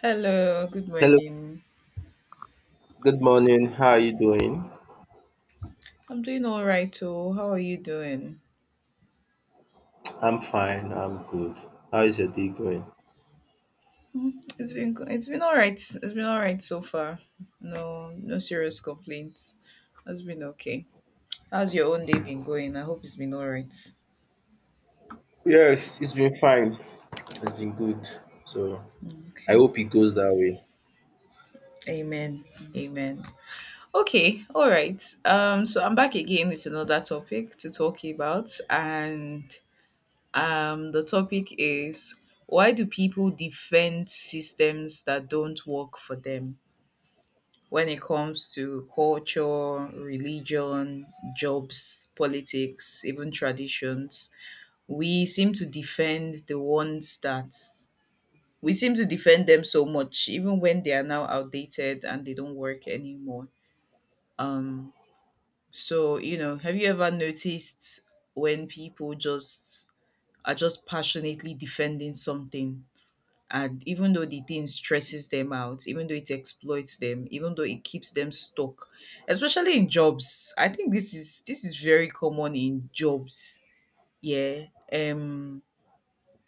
Hello, good Hello, morning. good morning. How are you doing? I'm doing all right too. How are you doing? I'm fine. I'm good. How is your day going? Mm, it's been all right. It's been all right so far. No, no serious complaints. It's been okay. How's your own day been going? I hope it's been all right. Yes, it's been fine. It's been good. So I Okay. hope it goes that way. Amen. Amen. Okay. All right. So I'm back again with another topic to talk about, and the topic is: why do people defend systems that don't work for them? When it comes to culture, religion, jobs, politics, even traditions, We seem to defend the ones that we seem to defend them so much, even when they are now outdated and they don't work anymore. Um, have you ever noticed when people just are just passionately defending something, and even though the thing stresses them out, even though it exploits them, even though it keeps them stuck, especially in jobs? I think this is very common in jobs. Yeah. um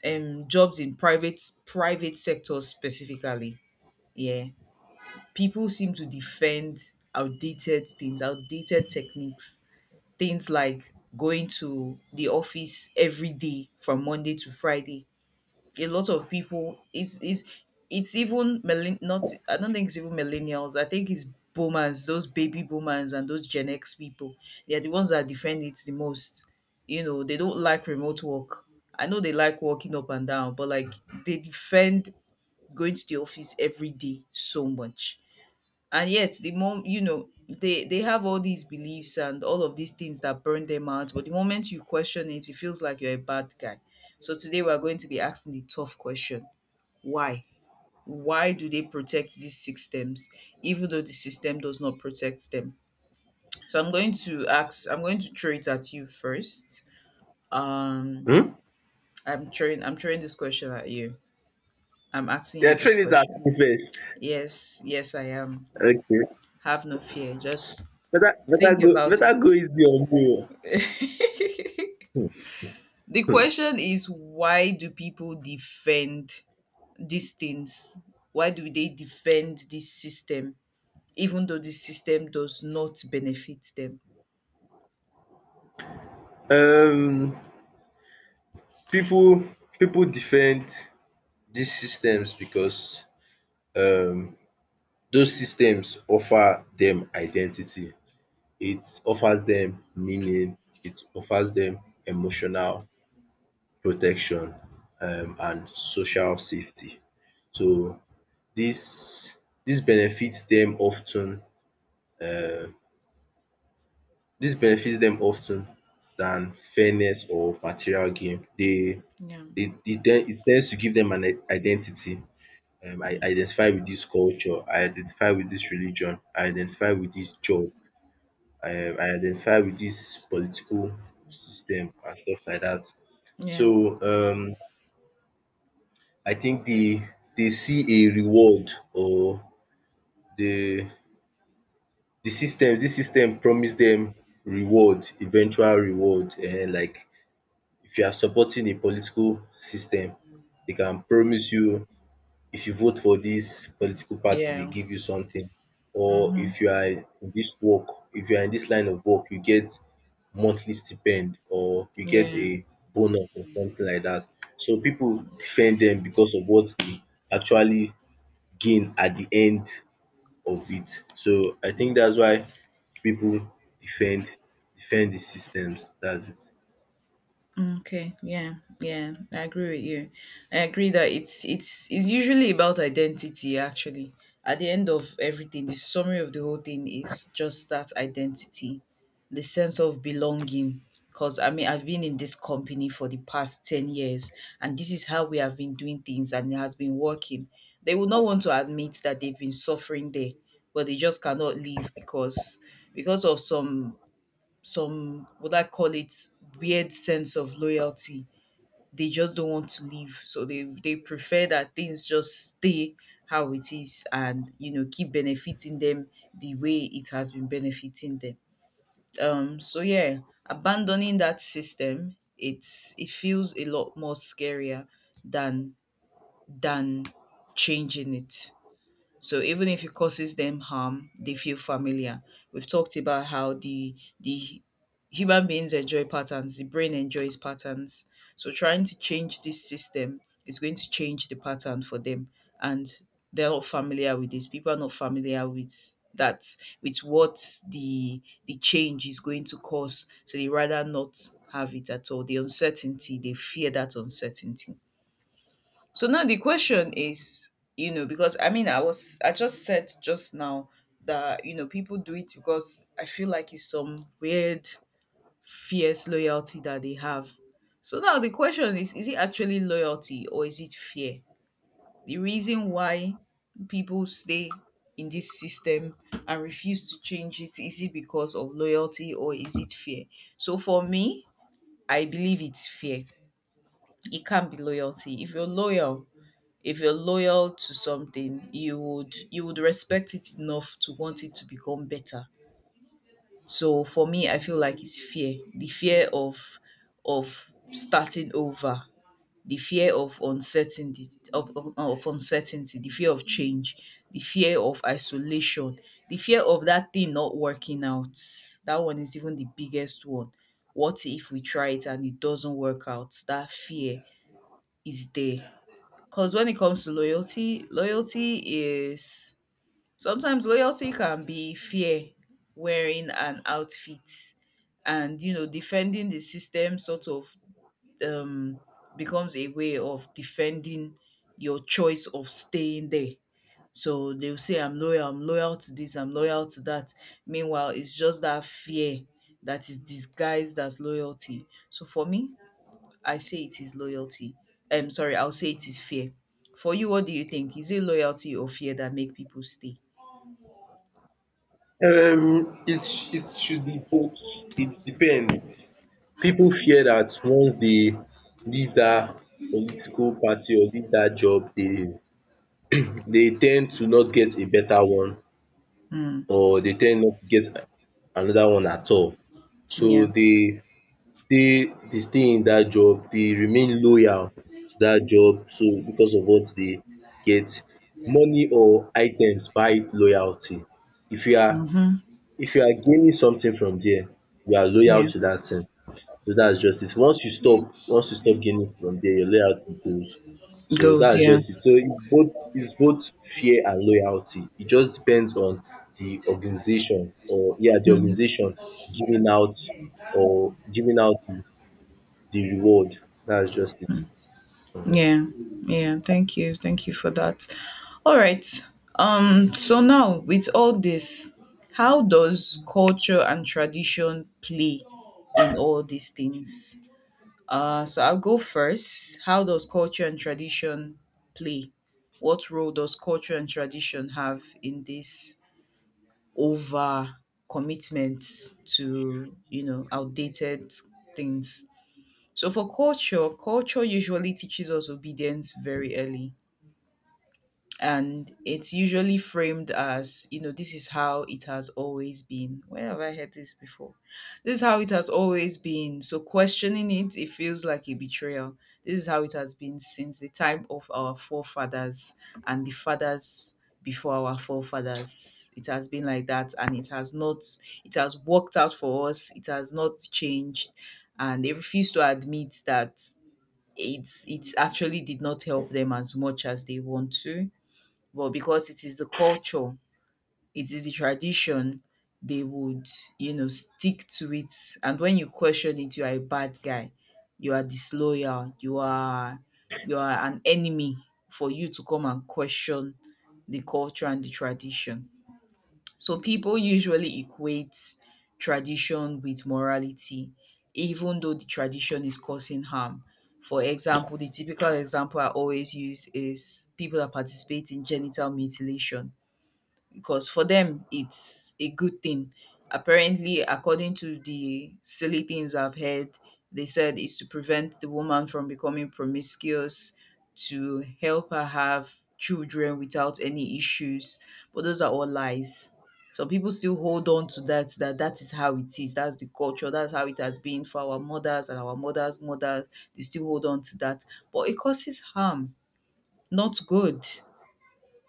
Jobs in private sectors specifically. Yeah. People seem to defend outdated things, outdated techniques, things like going to the office every day from Monday to Friday. A lot of people, it's even not, I don't think it's even millennials. I think it's boomers, those baby boomers and those Gen X people. They're the ones that defend it the most. You know, they don't like remote work. I know they like walking up and down, but like, they defend going to the office every day so much. And yet, the mom you know, they have all these beliefs and all of these things that burn them out, but the moment you question it, it feels like you're a bad guy. So today, we're going to be asking the tough question: why? Why do they protect these systems even though the system does not protect them? So I'm going to throw it at you first. um Hmm? I'm throwing this question at you. I'm asking Yeah, you this train it at question. me first. Yes, yes, I am. Okay. Have no fear. Just Better better think go about better go it. easy on me. Oh. The Hmm. question is: why do people defend these things? Why do they defend this system, even though this system does not benefit them? Um people people defend these systems because um those systems offer them identity. It offers them meaning, it offers them emotional protection and social safety. So this this benefits them often. Ten benefits them often than fairness or material gain. They Yeah. dey e ten it tends to give them an identity. I Mm. identify with this culture, I identify with this religion, I identify with this job, I identify with this political system and stuff like that. So Yeah. I think they see a reward or the the system this system promise them reward eventual reward, and like, if you are supporting a political system, they can promise you, if you vote for this political party, they Yeah. give you something. Or Hmm. if you are in this work, if you are in this line of work, you get monthly stipend or you get Yeah. a bonus or something like that. So people defend them because of what they actually gain at the end of it. So I think that's why people defend defend the systems. That's it. Mm, okay, yeah, yeah, I agree with you. I agree that it's usually about identity, actually. At the end of everything, the summary of the whole thing is just that identity, the sense of belonging. Because I mean, I've been in this company for the past 10 years, and this is how we have been doing things, and it has been working. They will not want to admit that they've been suffering there, but they just cannot leave because of some what I call it, weird sense of loyalty. They just don't want to leave. So they prefer that things just stay how it is, and you know, keep benefiting them the way it has been benefiting them. Um, so yeah, abandoning that system, it feels a lot more scarier than than, changing it. So even if it causes them harm, they feel familiar. We've talked about how the human beings enjoy patterns, the brain enjoys patterns. So trying to change this system is going to change the pattern for them. And they're not familiar with this. People are not familiar with that, with what the the change is going to cause. So they rather not have it at all. The uncertainty, they fear that uncertainty. So now the question is, you know, because I mean, I just said just now that, you know, people do it because I feel like it's some weird, fierce loyalty that they have. So now the question is: is it actually loyalty or is it fear? The reason why people stay in this system and refuse to change it, is it because of loyalty or is it fear? So for me, I believe it's fear. It can't be loyalty. If you're loyal to something, you would, you would respect it enough to want it to become better. So for me, I feel like it's fear: the fear of starting over, the fear of uncertainty, of uncertainty, the fear of change, the fear of isolation, the fear of that thing not working out. That one is even the biggest one. What if we try it and it doesn't work out? That fear is there. Because when it comes to loyalty, loyalty is, sometimes loyalty can be fear wearing an outfit, and you know, defending the system sort of um becomes a way of defending your choice of staying there. So they'll say, I'm loyal to this, I'm loyal to that. Meanwhile, it's just that fear that is disguised as loyalty. So for me, I say it is loyalty. Sorry, I'll say it is fear. For you, what do you think? Is it loyalty or fear that make people stay? It should be both. It depends. Pipu fear dat once dey leave dat political party or leave dat job, dey dey ten d to not get a better one, Mm, or dey ten d not to get another one at all. So yeah. dey stay in dat job, dey remain loyal to dat job, so because of what dey get, money or items buy loyalty. If you are Mm-hmm. if you are gaining something from there, you are loyal Yeah. to dat thing. So that's just it. Once you stop gaining from there, your loyalty goes. So Goes. that's Yeah. just it. So it's both fear and loyalty. It just depends on the organization, or yeah, the Mhm. organization giving out, or giving out the the reward. That's just it. Yeah. Yeah. Thank you. Thank you for that. All right. So now, with all this, how does culture and tradition play in all these things? So I'll go first. How does culture and tradition play? What role does culture and tradition have in this over commitment to, you know, outdated things? So for culture, culture usually teaches us obedience very early, and it's usually framed as, you know, this is how it has always been. Where have I heard this before? This is how it has always been, so questioning it, it feels like a betrayal. This is how it has been since the time of our forefathers, and the fathers before our forefathers, it has been like that, and it has not it has worked out for us, it has not changed. And they refuse to admit that it actually did not help them as much as they want to. But because it is the culture, it is the tradition, they would, you know, stick to it. And when you question it, you are a bad guy, you are disloyal, you are an enemy for you to come and question the culture and the tradition. So people usually equate tradition with morality, even though the tradition is causing harm. For example, the typical example I always use is people that participate in genital mutilation, because for them it's a good thing. Apparently, according to the silly things I've heard, they said it's to prevent the woman from becoming promiscuous, to help her have children without any issues. But those are all lies. Some people still hold on to that, that that is how it is. That's the culture. That's how it has been for our mothers and our mothers' mothers. They still hold on to that. But it causes harm, not good.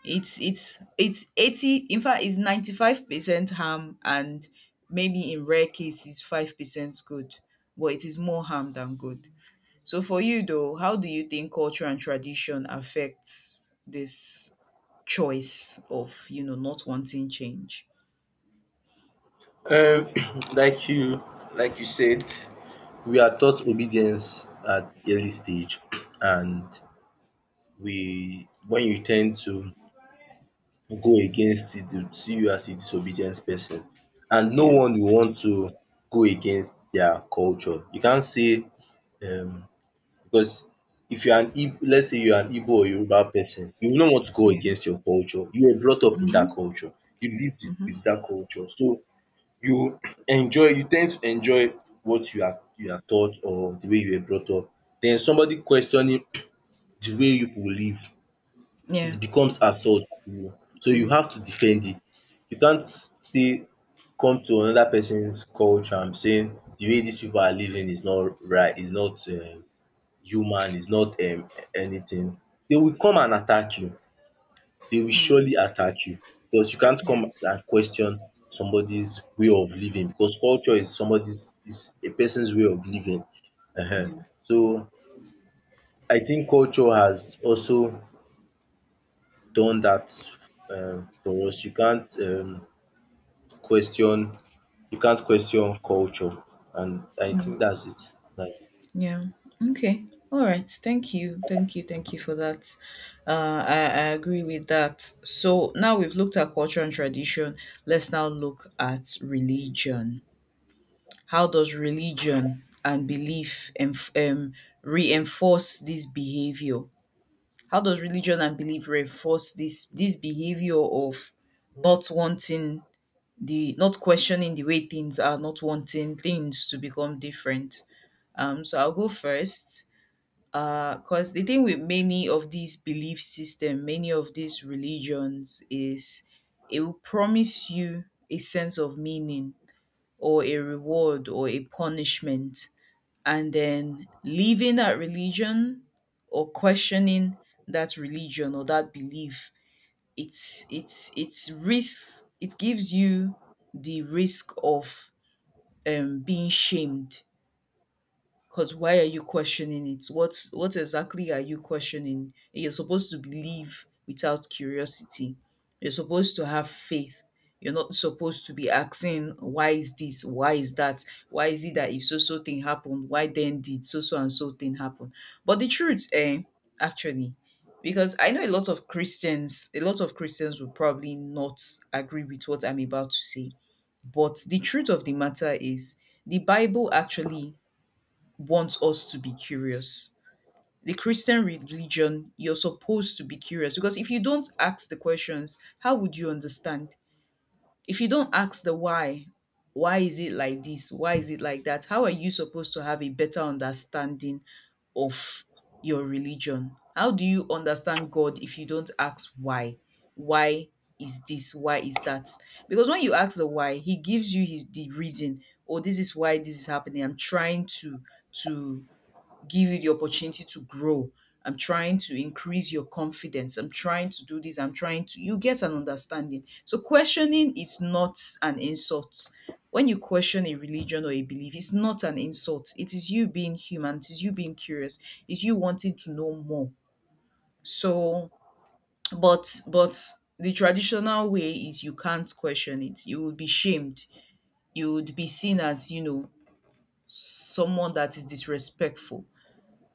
In fact, it's 95% harm, and maybe in rare cases 5% good, but it is more harm than good. So for you though, how do you think culture and tradition affects this choice of, you know, not wanting change? Um, like you like you said, we are taught obedience at early stage, and we when you tend to go against it, they will see you as a disobedient person. And no Yeah. one will want to go against their culture. You can't say, um because if you are an Ig let's say you are an Igbo or Yoruba person, you will not want to go Yeah. against your culture. You were brought up in that Mhm. culture. You lived in Mhm. with that culture. So you enjoy you tend to enjoy what you are taught, or the way you were brought up. Then somebody questioning the way you live, Yeah. it becomes assault to you. So you Mm, have to defend it. You can't say, come to another person's culture and be saying the way these people are living is not right, is not human, is not anything. They will come and attack you. They will mm, surely attack you, because you can't yeah. come and question somebody's way of living, because culture is somebody's is a person's way of living. Yeah. So I think culture has also done that, for us. Question you can't question culture, and I think that's it. Like Yeah. Okay. All right. Thank you. Thank you. Thank you for that. I agree with that. So now we've looked at culture and tradition. Let's now look at religion. How does religion and belief reinforce this behavior? How does religion and belief reinforce this behavior of not wanting the, not questioning the way things are, not wanting things to become different? So I'll go first, because the thing with many of these belief system, many of these religions is it will promise you a sense of meaning, or a reward or a punishment. And then leaving that religion or questioning that religion or that belief, it gives you the risk of being shamed. Because why are you questioning it? What exactly are you questioning? You're supposed to believe without curiosity. You're supposed to have faith. You're not supposed to be asking, why is this? Why is that? Why is it that if so so thing happened? Why then did so so and so thing happen? But the truth, eh, actually, because I know a lot of Christians, a lot of Christians will probably not agree with what I'm about to say. But the truth of the matter is the Bible actually wants us to be curious. The Christian religion, you're supposed to be curious, because if you don't ask the questions, how would you understand? If you don't ask the why is it like this? Why is it like that? How are you supposed to have a better understanding of your religion? How do you understand God if you don't ask why? Why is this? Why is that? Because when you ask the why, he gives you his the reason. Oh, this is why this is happening. I'm trying to give you the opportunity to grow. I'm trying to increase your confidence. I'm trying to do this. I'm trying to. You get an understanding. So, questioning is not an insult. When you question a religion or a belief, it's not an insult. It is you being human. It is you being curious. It's you wanting to know more. So, but the traditional way is you can't question it. You would be shamed. You would be seen as, you know, someone that is disrespectful.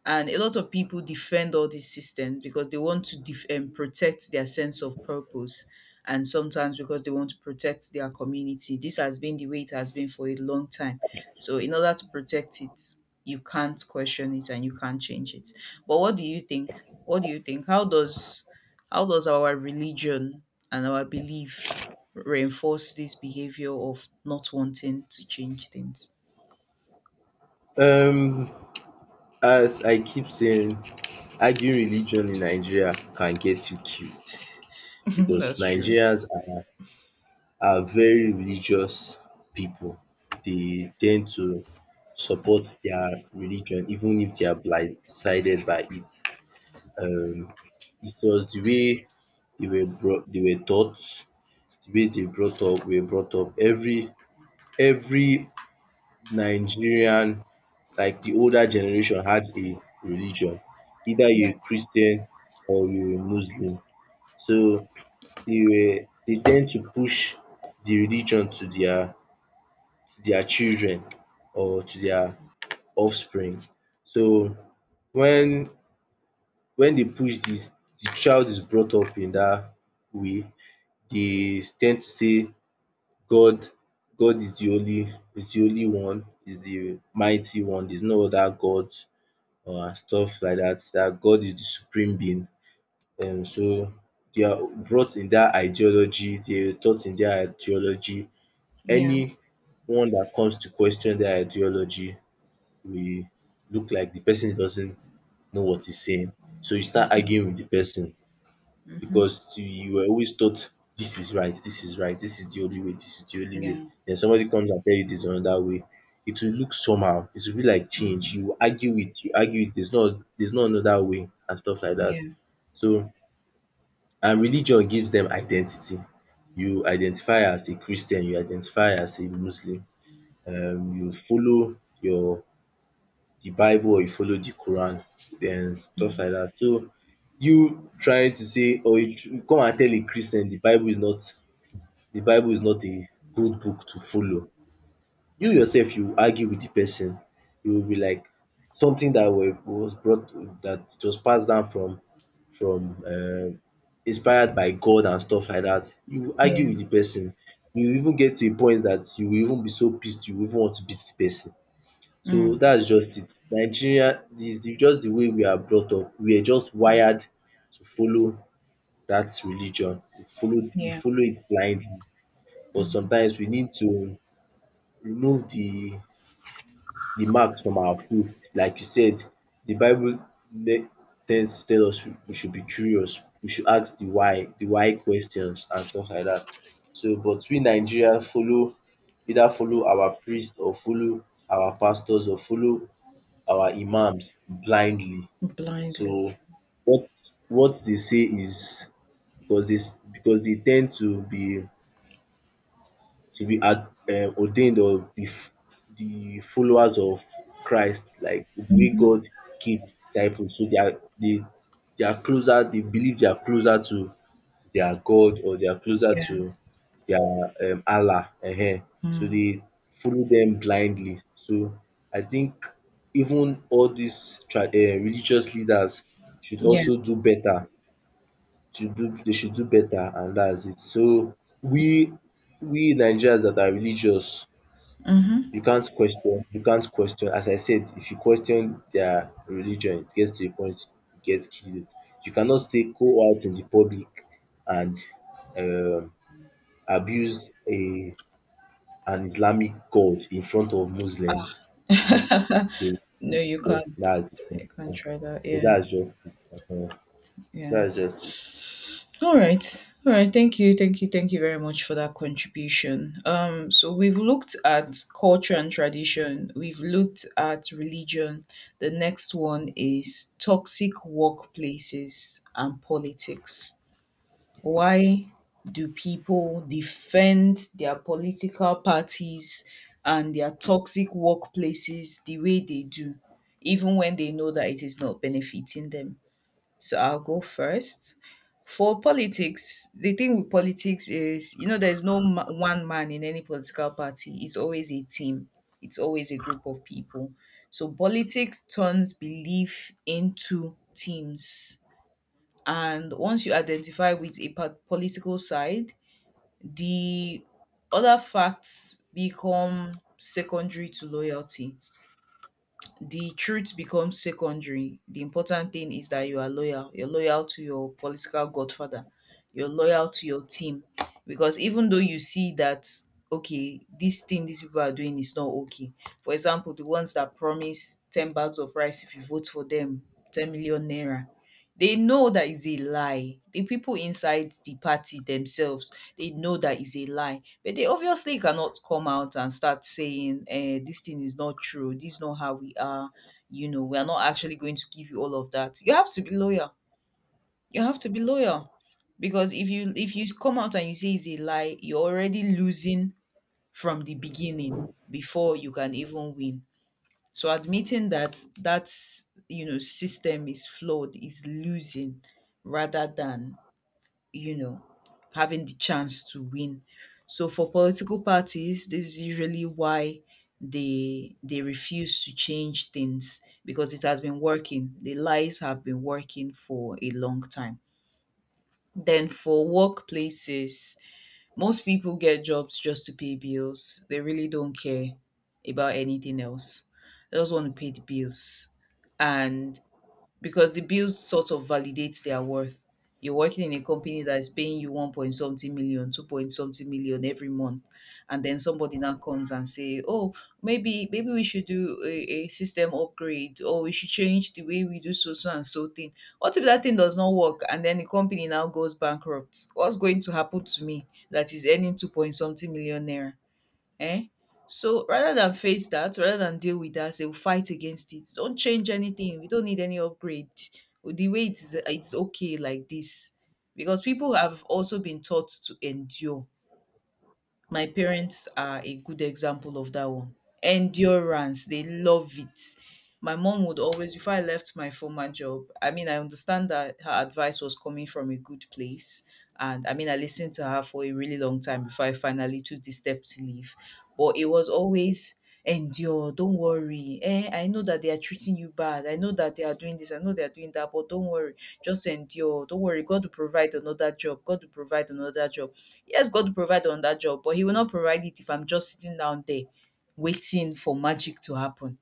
And a lot of people defend all these systems because they want to protect their sense of purpose, and sometimes because they want to protect their community. This has been the way it has been for a long time. So, in order to protect it, you can't question it and you can't change it. But what do you think? What do you think? How does our religion and our belief reinforce this behavior of not wanting to change things? um as I keep saying, arguing religion in Nigeria can get you killed, because That's true. Nigerians are very religious people. They tend to support their religion even if they are blindsided by it. Um it was the way they were taught, wey dey brought up were brought up. Every Nigerian, like the older generation, had a religion. Either Yeah, you're a Christian or you're a Muslim. So they tend to push the religion to their children, or to their offspring. So when when they push this, the child is brought up in that way. They tend to say, God God is the only one, is the mighty one. There's no other God or stuff like that. That God is the supreme being. So they are brought in their ideology, they are taught in their ideology. yeah, Anyone that comes to question their ideology, we look like the person doesn't know what he's saying. So you start arguing with the person, because you were always taught this is right, this is right, this is the only way, this is the only way. yeah. Then somebody comes and tell you there's another way. It will look somehow. It will be like change. Mm. You argue it, you argue it. There's not another way and stuff like that. Yeah, So, and religion gives them identity. You identify as a Christian, you identify as a Muslim. You follow your the bible, or you follow the quran and stuff like that. So you trying to say, or you come and tell a Christian the bible is not, a good book to follow. You yourself you argue with the person. You will be like, something that were was brought, that just passed down from, inspired by God and stuff like that. You will yeah, argue with the person. You will even get to a point that you will even be so pissed, you will even want to beat the person. So mm, that's just it. Nigeria is the, just the way we are brought up. We are just wired to follow that religion. We follow we yeah, follow it blindly. But sometimes we need to remove the marks from our food. Like you said, the Bible ne- tends to tell us we should be curious. We should ask the why, questions and stuff like that. So but we Nigeria follow either follow our priest, or follow our pastors, or follow our imams blindly. blindly, So what what they say is, because because they tend to be, ad ordained, or the followers of Christ, like the way God keep disciples. So they are closer, they believe they are closer to their God, or they are closer yeah, to their Allah. So mm, they follow them blindly. So I think even all dis religious leaders should yeah, also do better, should do better, and that's it. So we we Nigerians that are religious, mm-hmm. You can't question, as I said, if you question their religion, it gets to a point you get killed. You cannot stay go out in the public and um abuse a an Islamic god in front of Muslims, they will No, fall. That's the thing. you can't try that. So Yeah, that's just it. um yeah. That's just it. All right, all right. Thank you, thank you, thank you very much for that contribution. So we've looked at culture and tradition. We've looked at religion. The next one is toxic workplaces and politics. Why do people defend their political parties and their toxic workplaces the way they do, even when they know that it is not benefiting them? So I'll go first. For politics, the thing with politics is, you know, there's no one man in any political party. It's always a team, it's always a group of people. So politics turns belief into teams, and once you identify with a political side, the other facts become secondary to loyalty. The truth becomes secondary. The important thing is that you are loyal. You're loyal to your political godfather, you're loyal to your team. Because even though you see that, okay, this thing these people are doing is not okay. For example, the ones that promise 10 bags of rice if you vote for them, 10 million naira, they know that is a lie. The people inside the party themselves, they know that is a lie. But they obviously cannot come out and start saying, eh, this thing is not true. This is not how we are. You know, we are not actually going to give you all of that. You have to be loyal. You have to be loyal. Because if you come out and you say it's a lie, you're already losing from the beginning before you can even win. So admitting that that system is flawed is losing rather than, you know having the chance to win. So for political parties, this is usually why they refuse to change things because it has been working. The lies have been working for a long time. Then for workplaces, most people get jobs just to pay bills. They really don't care about anything else. They just want to pay the bills. And because the bills sort of validates their worth. You're working in a company that is paying you one point something million, two point something million every month, and then somebody now comes and say, "Oh, maybe we should do a system upgrade, or we should change the way we do so so and so thing." What if that thing does not work, and then the company now goes bankrupt? What's going to happen to me that is earning two point something million naira? Eh? So rather than face that, rather than deal with that, they'll fight against it. Don't change anything. We don't need any upgrade. The way it is, it's okay like this. Because people have also been taught to endure. My parents are a good example of that one. Endurance, they love it. My mom would always, before I left my former job, I mean, I understand that her advice was coming from a good place, and I mean, I listened to her for a really long time before I finally took the step to leave. But it was always endure, don't worry. Eh, I know that they are treating you bad. I know that they are doing this. I know they are doing that. But don't worry, just endure. Don't worry. God will provide another job. God will provide another job. Yes, God will provide another job, but He will not provide it if I'm just sitting down there waiting for magic to happen.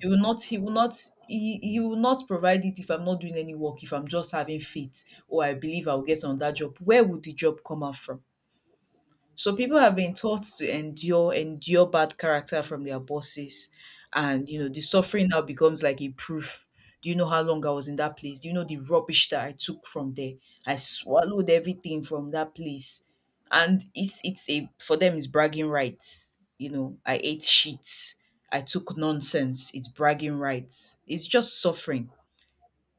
He will not he will not he he will not provide it if I'm not doing any work, if I'm just having faith or I believe I'll get on that job. Where would the job come out from? So people have been taught to endure, endure bad character from their bosses. And, you know, the suffering now becomes like a proof. Do you know how long I was in that place? Do you know the rubbish that I took from there? I swallowed everything from that place. And it's a for them it's bragging rights. You know, I ate shit. I took nonsense. It's bragging rights. It's just suffering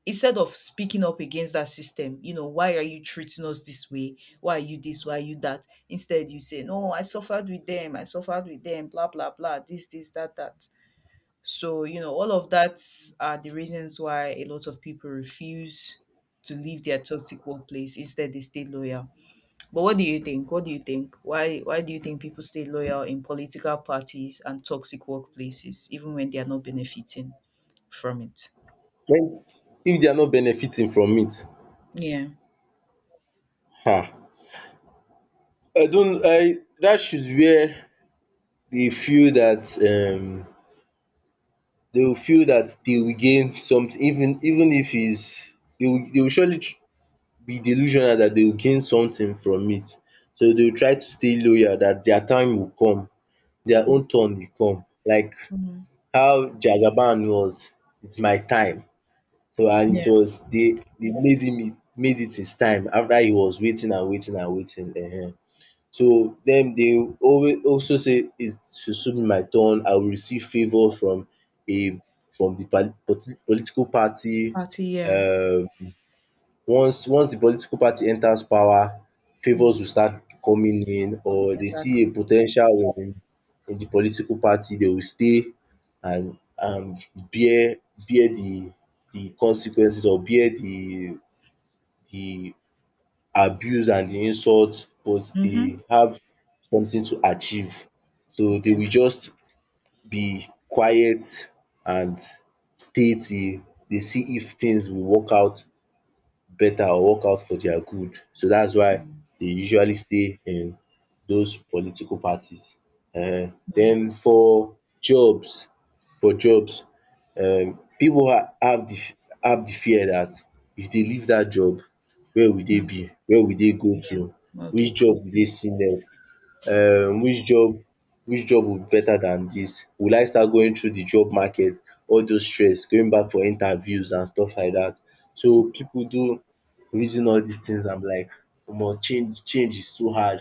instead of speaking up against that system. You know, why are you treating us this way? Why are you this? Why are you that? Instead, you say, no, I suffered with them. I suffered with them. Blah, blah, blah. This, that, that. So, you know, all of that are the reasons why a lot of people refuse to leave their toxic workplace. Instead, they stay loyal. But what do you think? What do you think? Why do you think people stay loyal in political parties and toxic workplaces, even when they are not benefiting from it? When If they are not benefiting from it, Yeah. huh? I don't I that should where They feel that they will feel that they will gain something, even if is they will surely, be delusional that they will gain something from it. So they will try to stay loyal that their time will come, their own turn will come. Like Mhm. how Jagaban was, it's my time. So, and it was, they made him, it made it his time, after he was waiting and waiting and waiting. So dem they always also say, it should soon be my turn, I will receive favour from a from the, political party. Party, yeah. um once di political party enters power, favours Mm, will start coming in, or they see exactly. a po ten tial in di political party. They will stay and bear bear di consequences, or bear di abuse and di insult, but they Mm-hmm. have something to achieve. So they Yeah. will just be quiet and stay till they see if things will work out better or work out for their good. So that's why Mm, they usually stay in those political parties. Mm, Den for jobs, for jobs pipu have de have de fear dat if dey leave dat job, where will dey mm, be, where will dey go yeah. to, No day which job will dey problem. see next. um which job which job will be better than dis? Will I start going through the job market, all those stress going back for interviews and stuff like dat? So people do reason all dis things, am like, omo, change is too hard.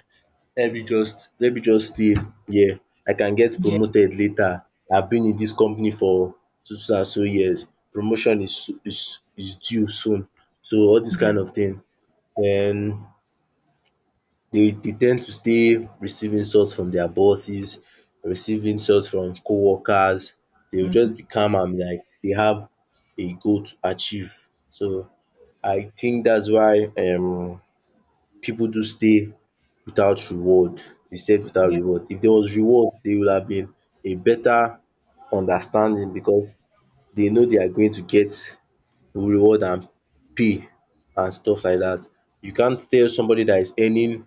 Let me just stay here. I can get Yeah. promoted later. I been in dis company for so so and so years. Promotion is is due soon. So all dis Yeah. kind Yeah. of thing. Den, they ten d to stay, receive insult from their bosses, receive insult from co-workers. They will Mm-hmm. just be calm and be like they have a goal to achieve. So I think that's why people do stay without reward. They stayed without Yeah. reward. If there was reward, there would have been a better understanding, because they know they are going to get reward and pay and stuff like that. You can't tell somebody that is earning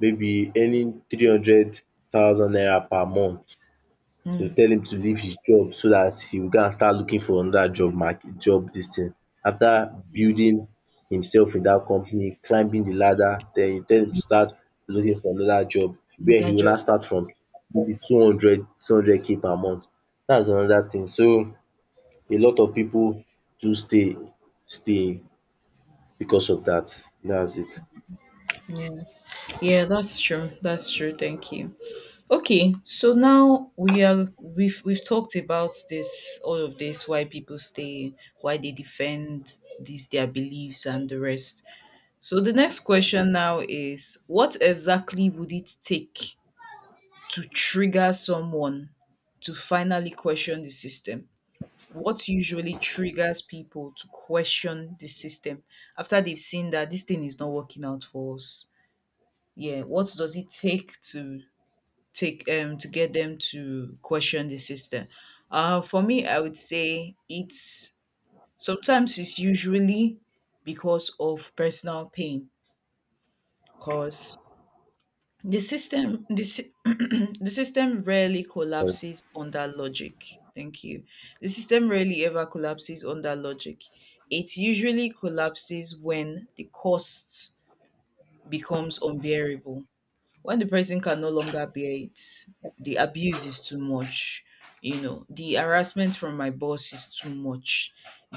wey be earning 300,000 naira per month. So tell him to leave his job, so dat he go and start looking for another job, market job, dis thing. After building himself in dat company, climbing the ladder, den you tell him to start looking for another job Mm, where he that go job. now Yeah. start from maybe two hundred two hundred k per month. Dats another thing. So a lot of pipu do stay because of dat. Dats it. Yeah. Yeah, that's true. That's true. Thank you. Okay. So now we are we've talked about this, all of this, why people stay, why they defend these their beliefs and the rest. So the next question now is what exactly would it take to trigger someone to finally question the system? What usually triggers people to question the system after they've seen that this thing is not working out for us? Yeah, what does it take to get them to question the system? For me, I would say it's sometimes, it's usually because of personal pain, because the system, the system rarely collapses under logic. Thank you. The system rarely ever collapses under logic. It usually collapses when the cost becomes unbearable, when the person can no longer bear it, the abuse is too much. You know, the harassment from my boss is too much.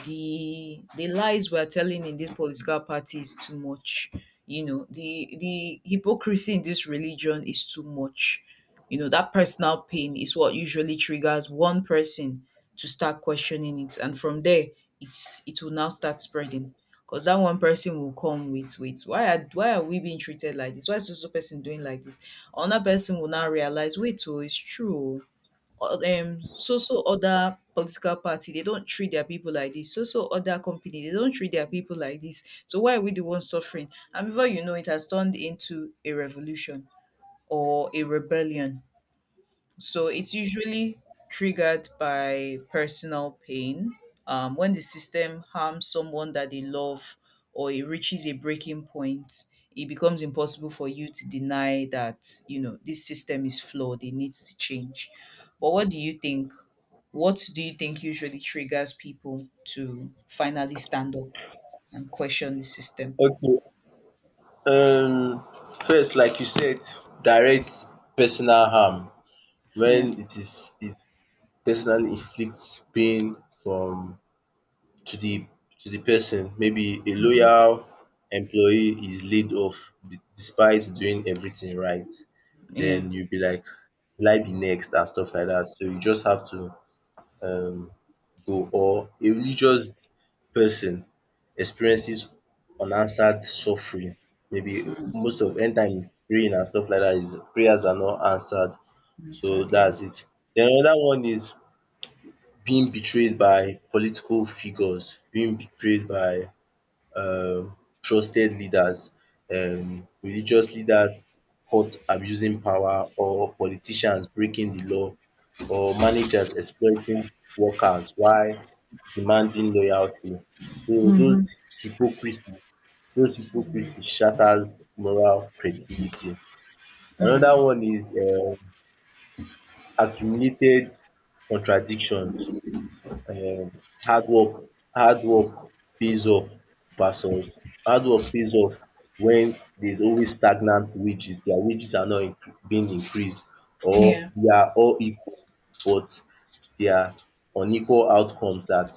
The lies we're telling in this political party is too much. You know, the hypocrisy in this religion is too much. You know, that personal pain is what usually triggers one person to start questioning it. And from there it will now start spreading, because that one person will come with, wait, why are we being treated like this? Why is this person doing like this? Another person will now realize, wait, oh, it's true. Oh. So other political party, they don't treat their people like this. So other company, they don't treat their people like this. So why are we the ones suffering? And before you know it, has turned into a revolution or a rebellion. So it's usually triggered by personal pain. When the system harms someone that they love, or it reaches a breaking point, it becomes impossible for you to deny that, you know, this system is flawed, it needs to change. But what do you think? What do you think usually triggers people to finally stand up and question the system? Okay. um First, like you said, direct personal harm. Yeah, When it personally inflicts pain from to the, person. Maybe a loyal employee is laid off despite doing everything right, yeah. then you be like, will I be next and stuff like that, so you just have to um go. Or a religious person experiences unanswered suffering, maybe most of anytime praying and stuff like dat, is, prayers are not answered, That's so sad, yeah. dats it. Den another one is being betrayed by political figures, being betrayed by um trusted leaders, religious leaders caught abusing power, or politicians breaking di law, or managers exploiting workers while demanding loyalty. So Mm-hmm. Hypocrisy those hypocrisy shatters moral credibility. Mm. Another one is accumulated contradictions. um hard work Hard work pays off versus hard work pays off, when there's always stagnant wages. Their wages are not being increased, or Yeah, they are all equal, but there are unequal outcomes that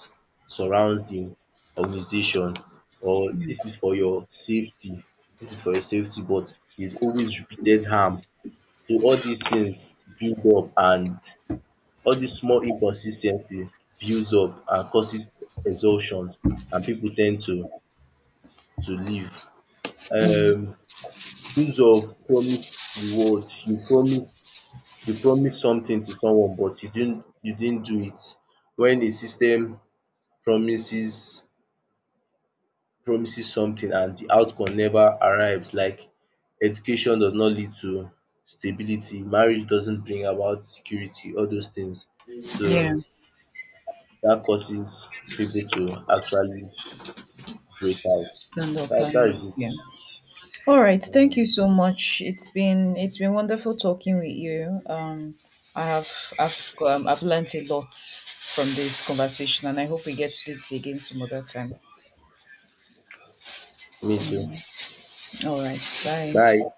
surrounds the organization. Or, this is for your safety, this is for your safety, but there's always repeated harm. So all these things build up, and all dis small inconsis builds up and causes exhaustion, and people tend to leave. um Use of promise reward. You promise something to someone, but you didn't do it. When a system promises promises something and the outcome never arrives, like education does not lead to stability, marriage doesn't bring about security, all those things. yeah. So that causes people to actually break out. Stand up That is and it. yeah. All right, thank you so much. It's been wonderful talking with you. Um i have i've um, i've learned a lot from this conversation, and I hope we get to do this again some other time. Me too. All right, bye. Bye.